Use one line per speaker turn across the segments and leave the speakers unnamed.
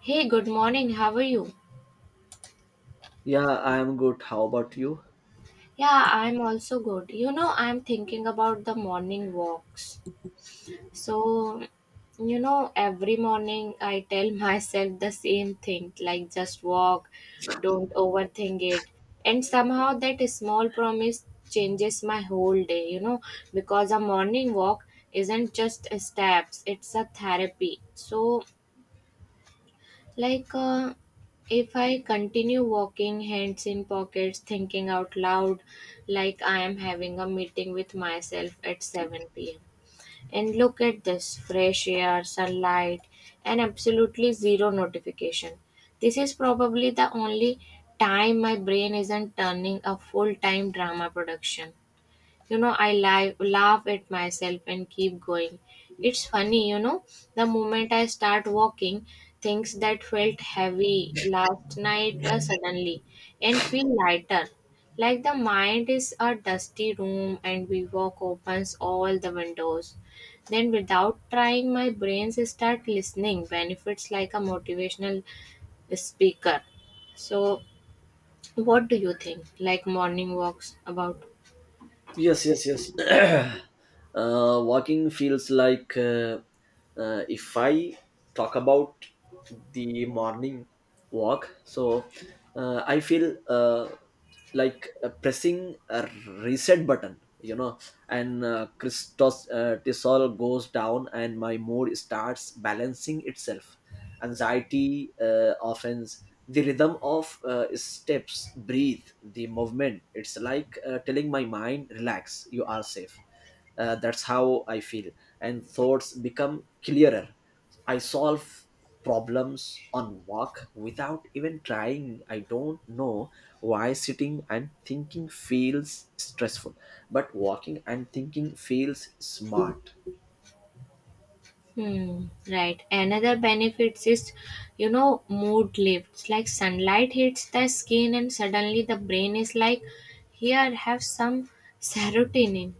Hey, good morning. How are you?
Yeah, I'm good. How about you?
Yeah, I'm also good. You know, I'm thinking about the morning walks. So, every morning I tell myself the same thing, like just walk, don't overthink it. And somehow that small promise changes my whole day, because a morning walk isn't just steps, it's a therapy. So, like, if I continue walking, hands in pockets, thinking out loud, like I am having a meeting with myself at 7 pm. And look at this fresh air, sunlight, and absolutely zero notification. This is probably the only time my brain isn't turning a full time drama production. I laugh at myself and keep going. It's funny. The moment I start walking, things that felt heavy last night suddenly and feel lighter, like the mind is a dusty room and we walk opens all the windows. Then without trying, my brains start listening benefits like a motivational speaker. So, what do you think, like morning walks about?
Yes, yes, yes. Walking feels like if I talk about the morning walk, so I feel like pressing a reset button, and Christos Tisol goes down and my mood starts balancing itself. Anxiety offends the rhythm of steps, breathe the movement. It's like telling my mind relax, you are safe. That's how I feel, and thoughts become clearer. I solve problems on walk without even trying. I don't know why sitting and thinking feels stressful, but walking and thinking feels smart.
Hmm, right. Another benefits is, mood lifts. Like sunlight hits the skin, and suddenly the brain is like, here, have some serotonin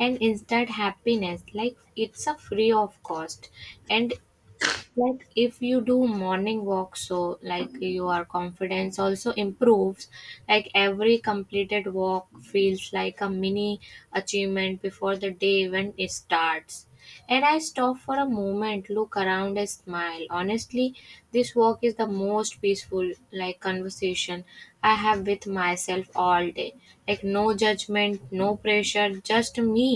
and instant happiness. Like it's a free of cost. And like if you do morning walk, so like your confidence also improves, like every completed walk feels like a mini achievement before the day even it starts. And I stop for a moment, look around, and smile. Honestly, this walk is the most peaceful, like conversation I have with myself all day. Like no judgment, no pressure, just me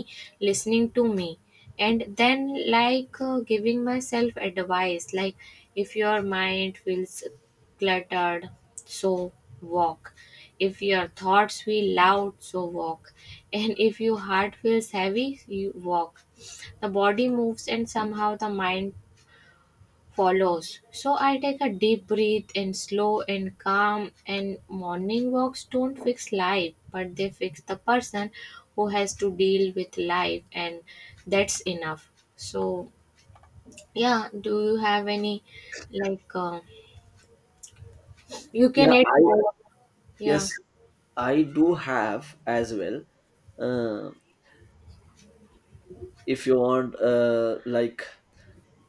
listening to me. And then, like giving myself advice, like if your mind feels cluttered, so walk. If your thoughts feel loud, so walk and if your heart feels heavy, you walk. The body moves and somehow the mind follows. So I take a deep breath and slow and calm, and morning walks don't fix life, but they fix the person who has to deal with life, and that's enough. So yeah, do you have any, like you can
Yeah
add
I
more? Yeah,
Yes, I do have as well. Uh, if you want,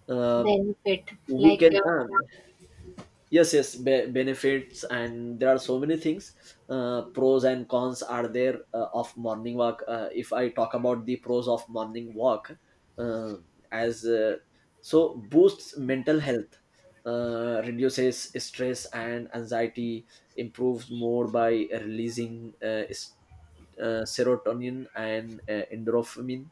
uh,
benefit,
we
like
can. Yes, yes, benefits, and there are so many things. Pros and cons are there of morning walk. If I talk about the pros of morning walk, uh, as so boosts mental health, reduces stress and anxiety, improves more by releasing serotonin and endorphin,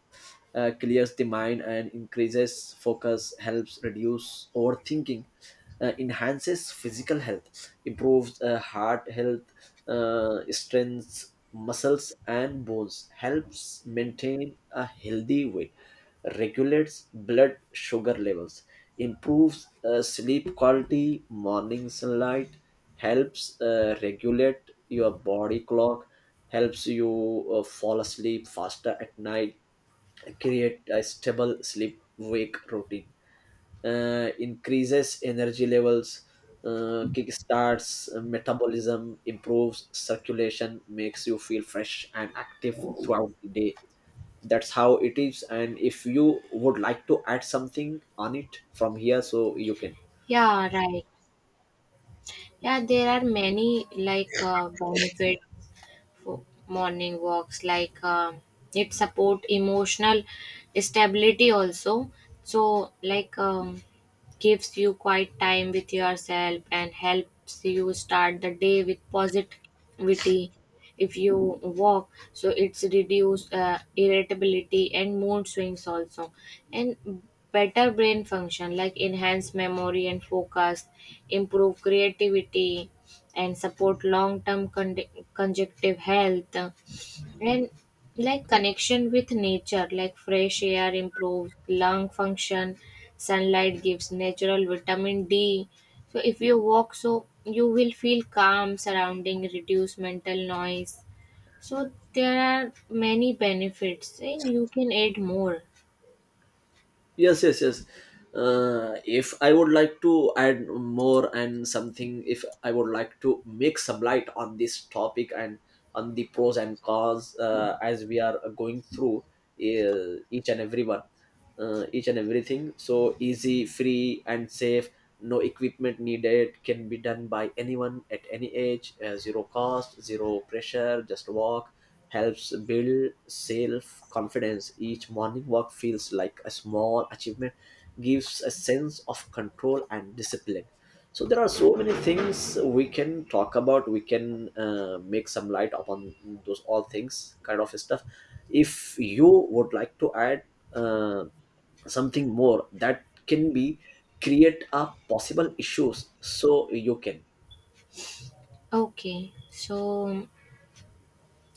clears the mind and increases focus, helps reduce overthinking, enhances physical health, improves heart health, strengthens muscles and bones, helps maintain a healthy weight, regulates blood sugar levels, improves sleep quality, morning sunlight, helps regulate your body clock, helps you fall asleep faster at night, create a stable sleep wake routine, increases energy levels, kickstarts metabolism, improves circulation, makes you feel fresh and active throughout the day. That's how it is. And if you would like to add something on it from here, so you can.
yeah, right. Yeah, there are many, like benefit for morning walks, like it support emotional stability also. So like gives you quiet time with yourself and helps you start the day with positivity. If you walk, so it's reduce irritability and mood swings also. And better brain function, like enhance memory and focus, improve creativity, and support long-term conjunctive health. And like connection with nature, like fresh air improves lung function, sunlight gives natural vitamin D. So if you walk, so you will feel calm surrounding, reduce mental noise. So there are many benefits and you can add more.
Yes, yes, yes. If I would like to add more and something, if I would like to make some light on this topic and on the pros and cons, as we are going through each and every one, each and everything, so easy, free and safe. No equipment needed, can be done by anyone at any age. Zero cost, zero pressure, just walk. Helps build self confidence, each morning walk feels like a small achievement, gives a sense of control and discipline. So there are so many things we can talk about, we can make some light upon those all things kind of stuff. If you would like to add uh, something more that can be create a possible issues, so you can.
Okay, so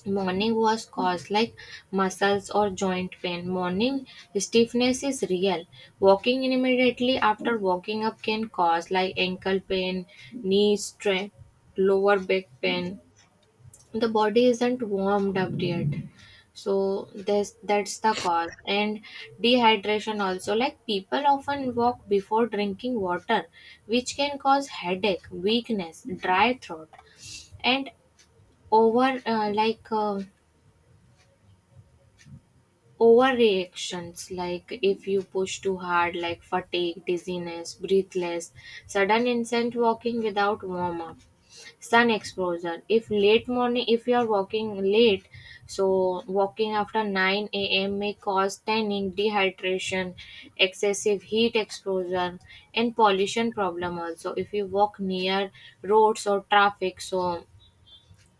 morning was caused like muscles or joint pain. Morning stiffness is real. Walking immediately after waking up can cause like ankle pain, knee strain, lower back pain. The body isn't warmed up yet. So this, that's the cause. And dehydration also, like people often walk before drinking water, which can cause headache, weakness, dry throat, and over uh, like uh, overreactions, like if you push too hard, like fatigue, dizziness, breathless, sudden instant walking without warm up. Sun exposure, if late morning, if you are walking late, so walking after 9 a.m. may cause tanning, dehydration, excessive heat exposure. And pollution problem also, if you walk near roads or traffic, so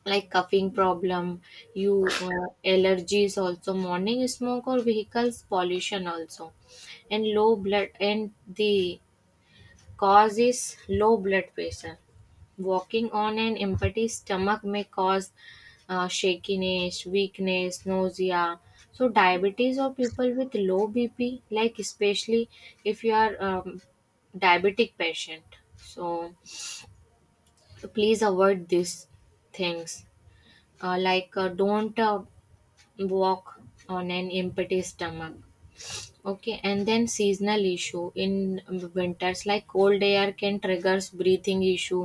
like coughing problem, you allergies also, morning smoke or vehicles pollution also. And low blood, and the cause is low blood pressure. Walking on an empty stomach may cause shakiness, weakness, nausea. So diabetes or people with low bp, like especially if you are diabetic patient. So please avoid these things. Like don't walk on an empty stomach. Okay, and then seasonal issue. In winters, like cold air can triggers breathing issue,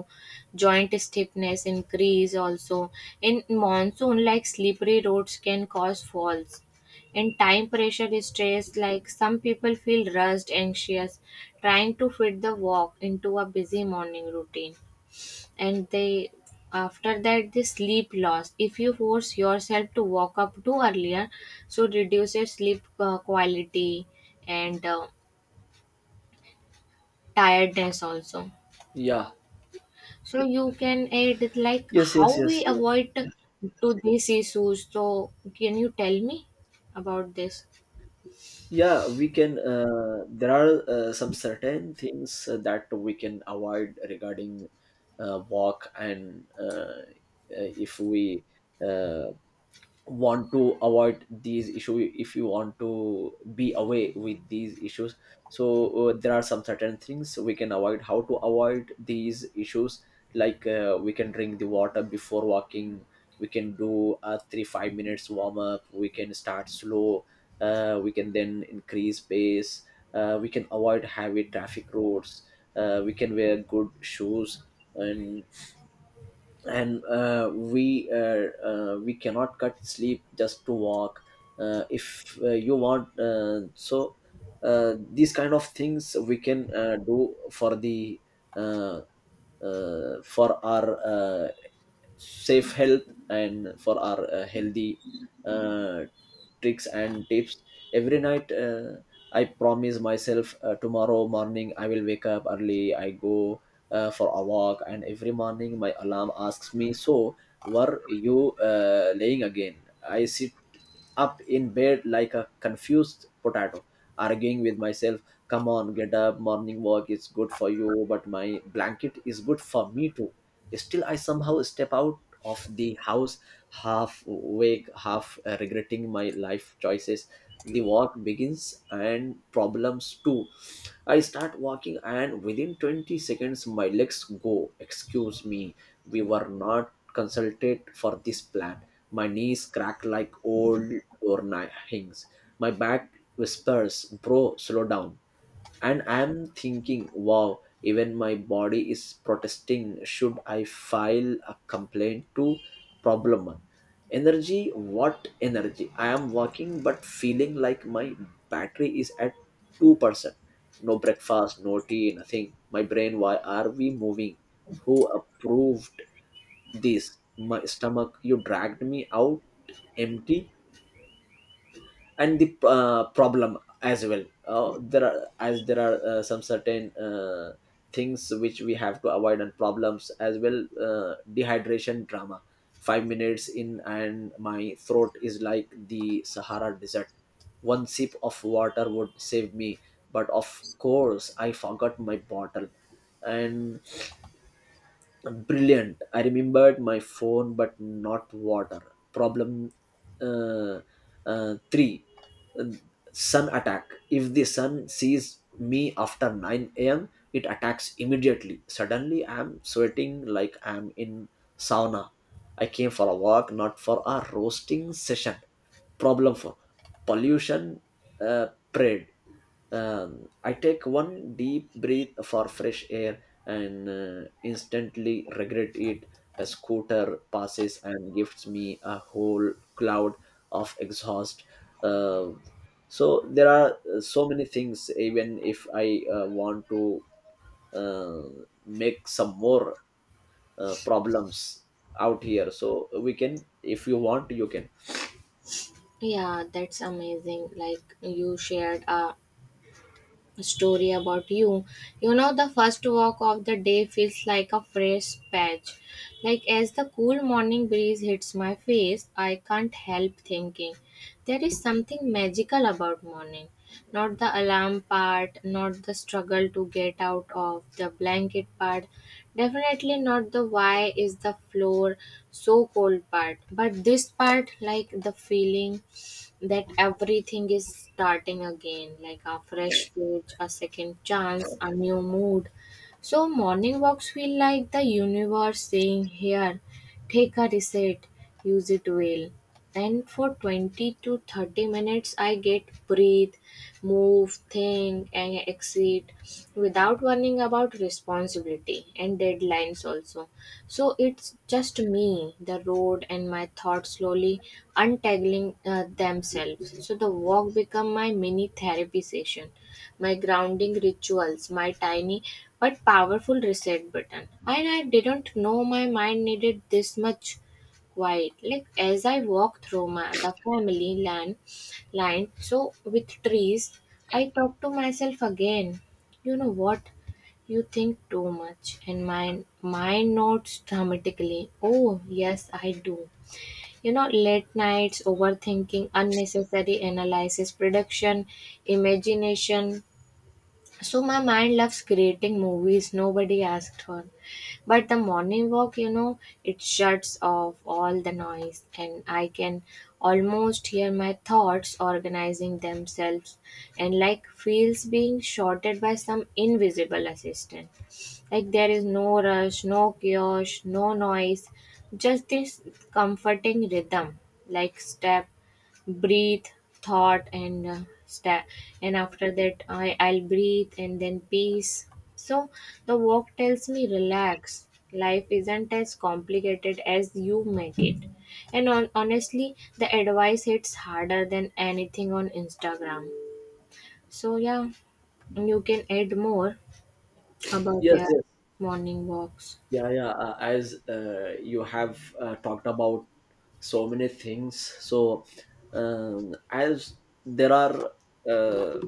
joint stiffness increase also. In monsoon, like slippery roads can cause falls. And time pressure is stress, like some people feel rushed, anxious, trying to fit the walk into a busy morning routine. And they, after that, the sleep loss, if you force yourself to wake up too earlier, so reduces sleep quality and tiredness also.
Yeah.
So you can add it, like
Yes,
how
yes, yes,
we
yes.
avoid to these issues, so can you tell me about this?
Yeah, we can. There are some certain things that we can avoid regarding walk, and if we uh, want to avoid these issues, if you want to be away with these issues, so there are some certain things we can avoid, how to avoid these issues. Like we can drink the water before walking, we can do a 3 5 minutes warm up, we can start slow, we can then increase pace, we can avoid heavy traffic roads, we can wear good shoes, and we cannot cut sleep just to walk. If you want, so these kind of things we can do for the uh, for our uh, safe health, and for our healthy uh, tricks and tips. Every night I promise myself tomorrow morning I will wake up early, I go for a walk. And every morning my alarm asks me, so were you laying again? I sit up in bed like a confused potato, arguing with myself, come on get up, morning walk is good for you, but my blanket is good for me too. Still I somehow step out of the house, half awake, half regretting my life choices. The walk begins and problems too. I start walking, and within 20 seconds my legs go excuse me, we were not consulted for this plan. My knees crack like old doorknobs, my back whispers bro, slow down. And I'm thinking wow, even my body is protesting, should I file a complaint to? Problem one, energy. What energy? I am working but feeling like my battery is at 2%. No breakfast, no tea, nothing. My brain, why are we moving, who approved this? My stomach, you dragged me out empty. And the problem as well, there are as there are some certain things which we have to avoid, and problems as well. Dehydration drama, 5 minutes in and my throat is like the Sahara desert. One sip of water would save me, but of course I forgot my bottle. And brilliant, I remembered my phone, but not water. Problem uh, three, uh, sun attack. If the sun sees me after 9 a.m., it attacks immediately. Suddenly, I'm sweating like I'm in sauna. I came for a walk, not for a roasting session. Problem four, pollution parade. I take one deep breath for fresh air and instantly regret it. A scooter passes and gives me a whole cloud of exhaust. Uh, so there are so many things. Even if I want to make some more problems out here, so we can, if you want you can.
Yeah, that's amazing, like you shared a story about you. You know, the first walk of the day feels like a fresh patch. Like as the cool morning breeze hits my face, I can't help thinking there is something magical about morning. Not the alarm part, not the struggle to get out of the blanket part, definitely not the why is the floor so cold part, but this part, like the feeling that everything is starting again, like a fresh page, a second chance, a new mood. So morning walks feel like the universe saying, here, take a reset, use it well. And for 20 to 30 minutes, I get breathe, move, think, and exceed without worrying about responsibility and deadlines also. So it's just me, the road, and my thoughts slowly untangling themselves. So the walk become my mini therapy session, my grounding rituals, my tiny but powerful reset button. And I didn't know my mind needed this much quiet. Like as I walk through the family land, line. So with trees, I talk to myself again. You know what? You think too much, and my mind notes dramatically. Oh yes, I do. You know, late nights, overthinking, unnecessary analysis, production, imagination. So my mind loves creating movies nobody asked for. But the morning walk, it shuts off all the noise and I can almost hear my thoughts organizing themselves and like feels being shorted by some invisible assistant. Like there is no rush, no chaos, no noise, just this comforting rhythm, like step, breathe, thought, and step. And after that, I'll breathe and then peace. So the walk tells me relax. Life isn't as complicated as you make it. And on, honestly, the advice hits harder than anything on Instagram. So yeah, you can add more about
Yes,
your
yes.
morning walks.
Yeah, yeah, as you have talked about so many things. So as there are uh,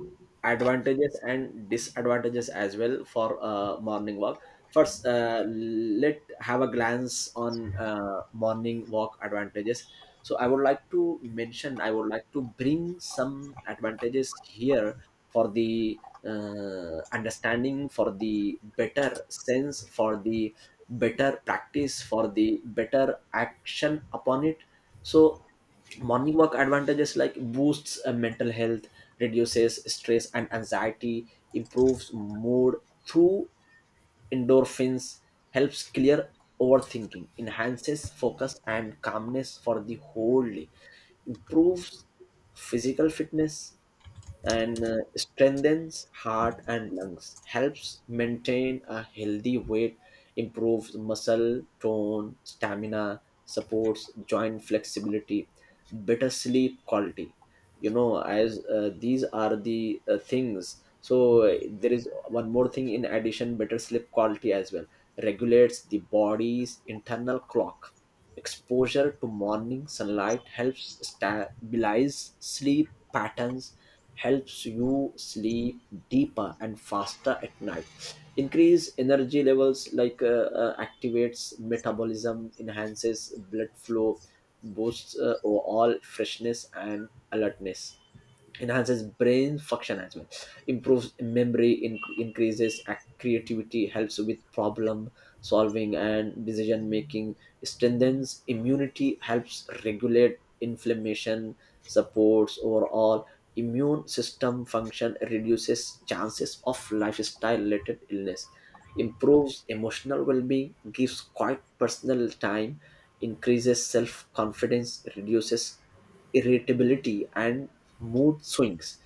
advantages and disadvantages as well for morning walk. First, let have a glance on morning walk advantages. So I would like to mention, I would like to bring some advantages here for the understanding, for the better sense, for the better practice, for the better action upon it. So morning walk advantages, like boosts mental health, reduces stress and anxiety, improves mood through endorphins, helps clear overthinking, enhances focus and calmness for the whole day, improves physical fitness and strengthens heart and lungs, helps maintain a healthy weight, improves muscle tone, stamina, supports joint flexibility, better sleep quality. You know, as these are the things, so there is one more thing in addition, better sleep quality as well, regulates the body's internal clock, exposure to morning sunlight helps stabilize sleep patterns, helps you sleep deeper and faster at night. Increase energy levels, like activates metabolism, enhances blood flow, boosts overall freshness and alertness, enhances brain function as well, improves memory, increases creativity, helps with problem solving and decision making, strengthens immunity, helps regulate inflammation, supports overall immune system function, reduces chances of lifestyle related illness, improves emotional well-being, gives quiet personal time, increases self confidence, reduces irritability, and mood swings.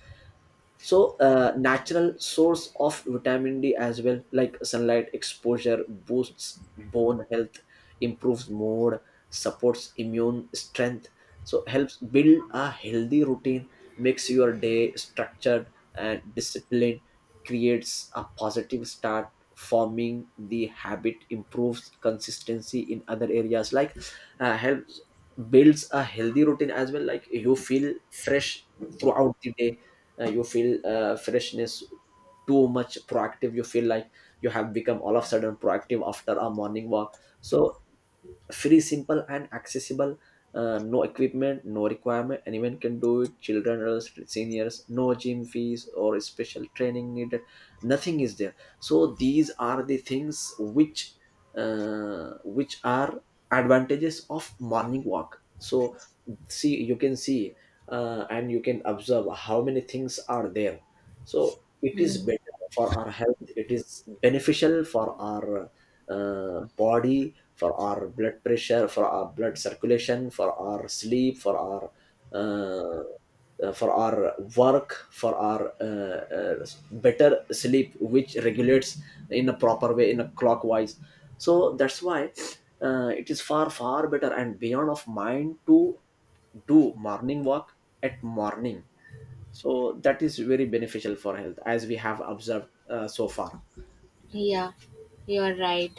So, natural source of vitamin D as well, like sunlight exposure boosts bone health, improves mood, supports immune strength. So, helps build a healthy routine, makes your day structured and disciplined, creates a positive start. Forming the habit improves consistency in other areas, like helps builds a healthy routine as well, like you feel fresh throughout the day. You feel freshness, too much proactive, you feel like you have become all of a sudden proactive after a morning walk. So free, simple and accessible, no equipment, no requirement, anyone can do it, children, adults, seniors, no gym fees or special training needed, nothing is there. So these are the things which are advantages of morning walk. So see, you can see and you can observe how many things are there. So it is better for our health, it is beneficial for our body, for our blood pressure, for our blood circulation, for our sleep, uh, for our work, for our better sleep which regulates in a proper way, in a clockwise. So that's why it is far far better and beyond of mind to do morning walk at morning. So that is very beneficial for health, as we have observed so far.
Yeah, you're right.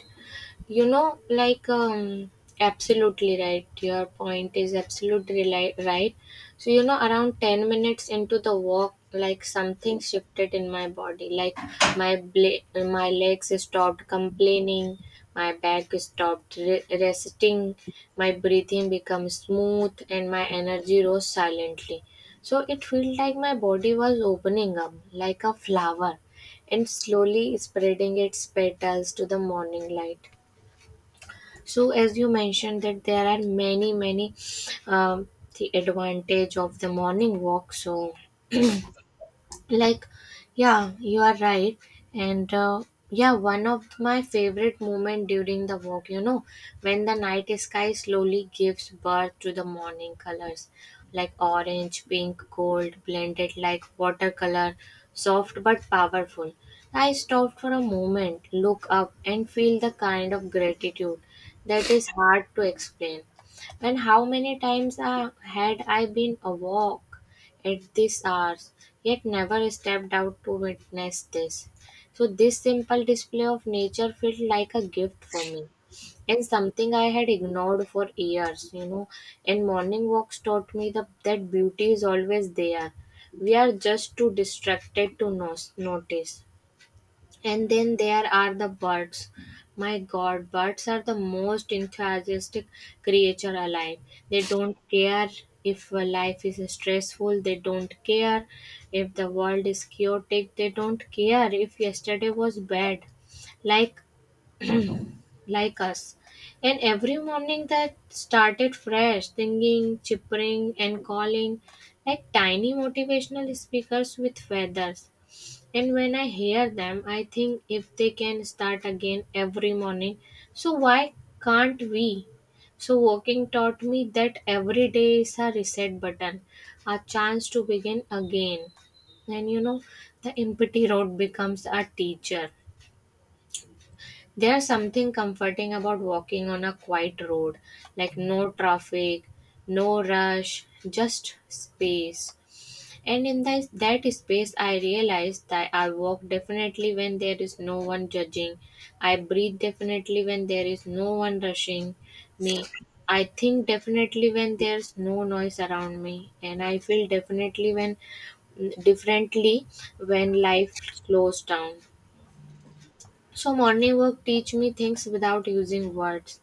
You know, like absolutely right. Your point is absolutely right. So, around 10 minutes into the walk, like something shifted in my body. Like my bla- my legs stopped complaining, my back stopped resting, my breathing became smooth, and my energy rose silently. So, it felt like my body was opening up like a flower and slowly spreading its petals to the morning light. So as you mentioned that there are many um, the advantage of the morning walk, so like, yeah, you are right. And yeah, one of my favorite moment during the walk, when the night sky slowly gives birth to the morning colors, like orange, pink, gold, blended like watercolor, soft but powerful. I stopped for a moment, look up, and feel the kind of gratitude that is hard to explain. And how many times had I been a walk at these hours, yet never stepped out to witness this. So this simple display of nature felt like a gift for me, and something I had ignored for years, you know. And morning walks taught me that beauty is always there. We are just too distracted to notice. And then there are the birds. My god, birds are the most enthusiastic creature alive. They don't care if life is stressful, they don't care if the world is chaotic, they don't care if yesterday was bad. Like like us. And every morning they started fresh, singing, chippering and calling like tiny motivational speakers with feathers. And when I hear them, I think if they can start again every morning, so why can't we? So walking taught me that every day is a reset button, a chance to begin again. And the empty road becomes a teacher. There's something comforting about walking on a quiet road, like no traffic, no rush, just space. And in that space, I realize that I walk definitely when there is no one judging. I breathe definitely when there is no one rushing me. I think definitely when there's no noise around me. And I feel definitely when differently when life slows down. So morning work teach me things without using words.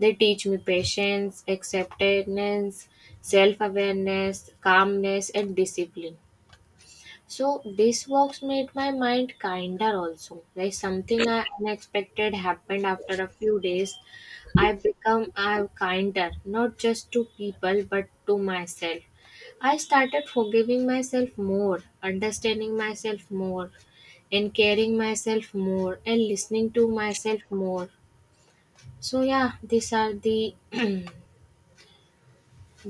They teach me patience, acceptance, self-awareness, calmness and discipline. So these walks made my mind kinder also. Like something I unexpected happened after a few days. I become I kinder, not just to people but to myself. I started forgiving myself more, understanding myself more, and caring myself more and listening to myself more. So yeah, these are the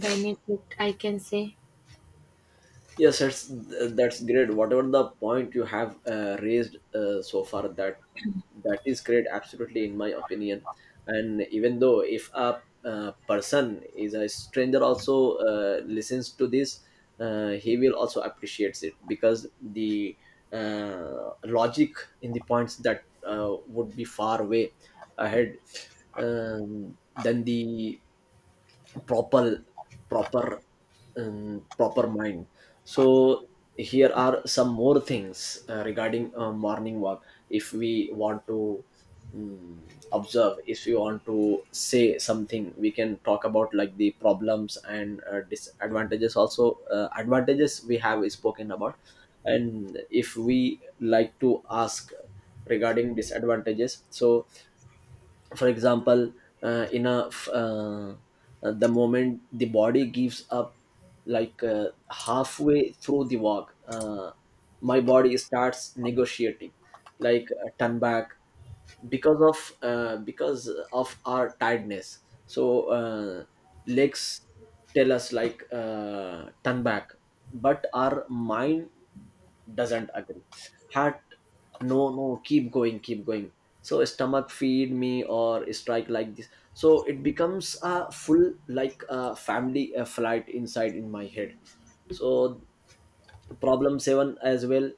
benefit I can say.
Yes, that's great, whatever the point you have raised so far, that that is great, absolutely, in my opinion. And even though if a person is a stranger also listens to this, he will also appreciates it, because the logic in the points that would be far away ahead, than the proper proper proper mind. So here are some more things regarding morning walk, if we want to um, observe, if you want to say something, we can talk about like the problems and disadvantages also, advantages we have spoken about. And if we like to ask regarding disadvantages, so for example, uh, in a f- uh, the moment the body gives up, like halfway through the walk, my body starts negotiating, like turn back, because of our tiredness. So legs tell us like turn back, but our mind doesn't agree. Heart, no, no, keep going, keep going. So stomach, feed me or strike like this. So it becomes a full, like a family, a flight inside in my head. So problem 7 as well,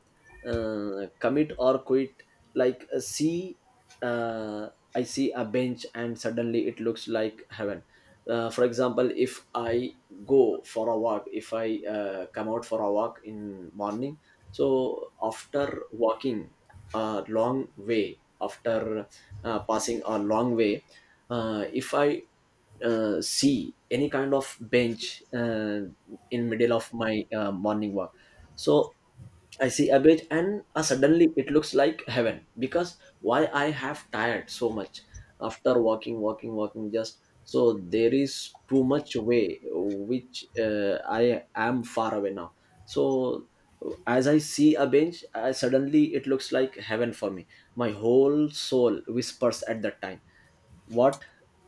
commit or quit. Like see uh, I see a bench and suddenly it looks like heaven. For example, if I go for a walk, if I come out for a walk in morning. So after walking a long way, after passing a long way, if I see any kind of bench in middle of my morning walk. So I see a bench and suddenly it looks like heaven, because why? I have tired so much after walking just. So there is too much way which I am far away now. So as I see a bench, suddenly it looks like heaven for me. My whole soul whispers at that time, what?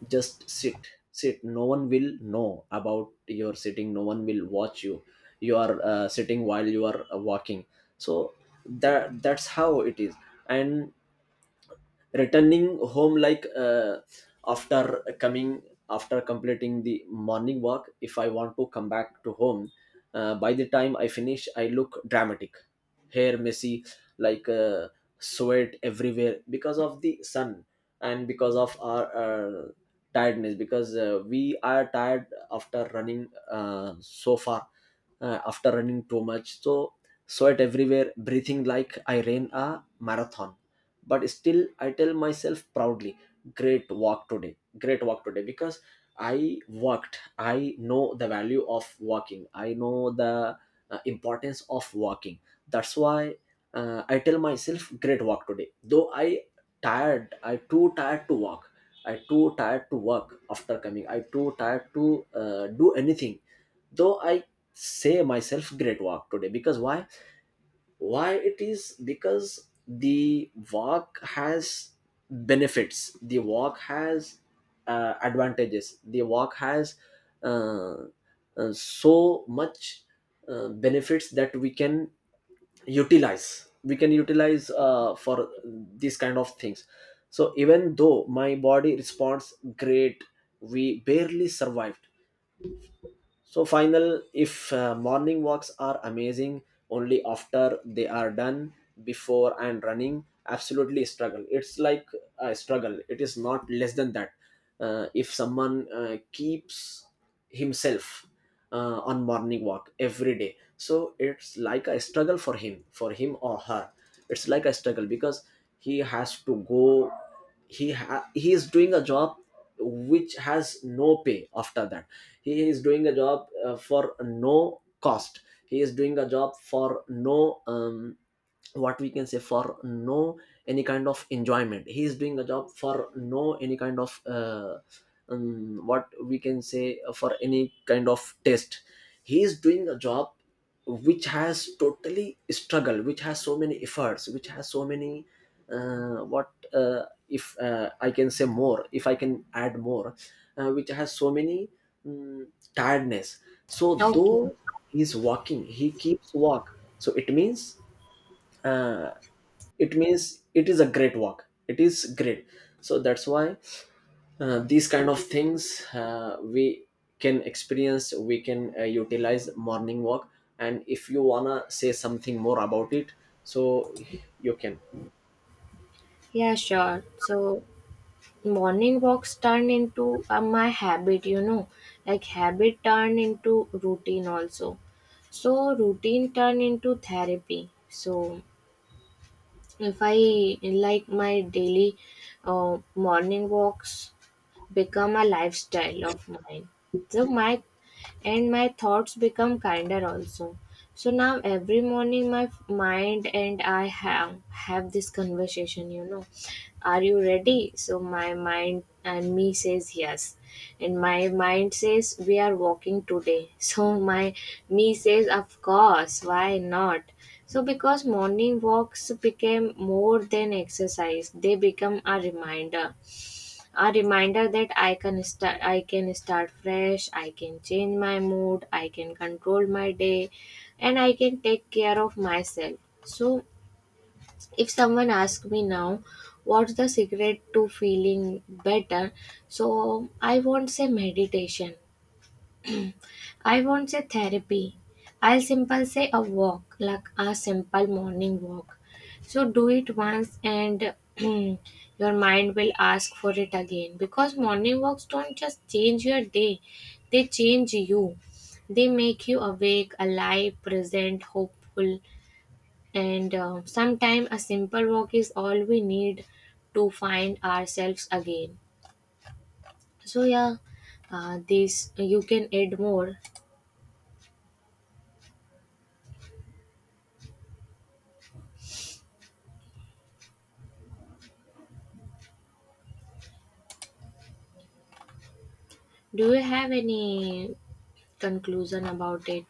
Just sit. Sit, no one will know about your sitting, no one will watch you. You are sitting while you are walking. So that's how it is. And returning home, after coming, after completing the morning walk, if I want to come back to home, by the time I finish I look dramatic, hair messy, like uh, sweat everywhere because of the sun, and because of our tiredness, because we are tired after running so far, after running too much. So sweat everywhere, breathing like I ran a marathon. But still, I tell myself proudly, great walk today. Great walk today because I worked. I know the value of walking, I know the importance of walking. That's why I tell myself great walk today, though I tired, I too tired to walk, I too tired to work after coming, I too tired to do anything. Though I say myself great walk today, because why? Why it is? Because the walk has benefits, the walk has advantages, the walk has uh, so much benefits that we can utilize, we can utilize for these kind of things. So even though my body responds great, we barely survived. So final, if morning walks are amazing only after they are done. Before and running absolutely struggle. It's like a struggle. It is not less than that. If someone keeps himself on morning walk every day, so it's like a struggle for him or her. It's like a struggle because he has to go, he is doing a job which has no pay after that. He is doing a job for no cost, he is doing a job for no what we can say, for no any kind of enjoyment. He is doing a job for no any kind of what we can say, for any kind of test. He is doing a job which has totally struggled, which has so many efforts, which has so many what if I can say more, if I can add more, which has so many mm, tiredness. So
Okay,
though he's walking, he keeps walk. So it means uh, it means it is a great work, it is great. So that's why these kind of things we can experience, we can utilize morning walk. And if you wanna say something more about it, so you can
yeah, sure. So morning walks turn into my habit, like habit turn into routine also, so routine turn into therapy. So if I like my daily morning walks become a lifestyle of mine. So my and my thoughts become kinder also. So now every morning my mind and I have this conversation. Are you ready? So my mind and me says yes. And my mind says we are walking today. So my me says of course, why not? So because morning walks became more than exercise, they become a reminder that I can start fresh. I can change my mood, I can control my day, and I can take care of myself. So if someone asks me now, what's the secret to feeling better? So I won't say meditation, I won't say therapy. I'll simple say a walk, like a simple morning walk. So do it once and your mind will ask for it again, because morning walks don't just change your day, they change you. They make you awake, alive, present, hopeful, and sometimes a simple walk is all we need to find ourselves again. So yeah, this you can add more. Do you have any conclusion about it?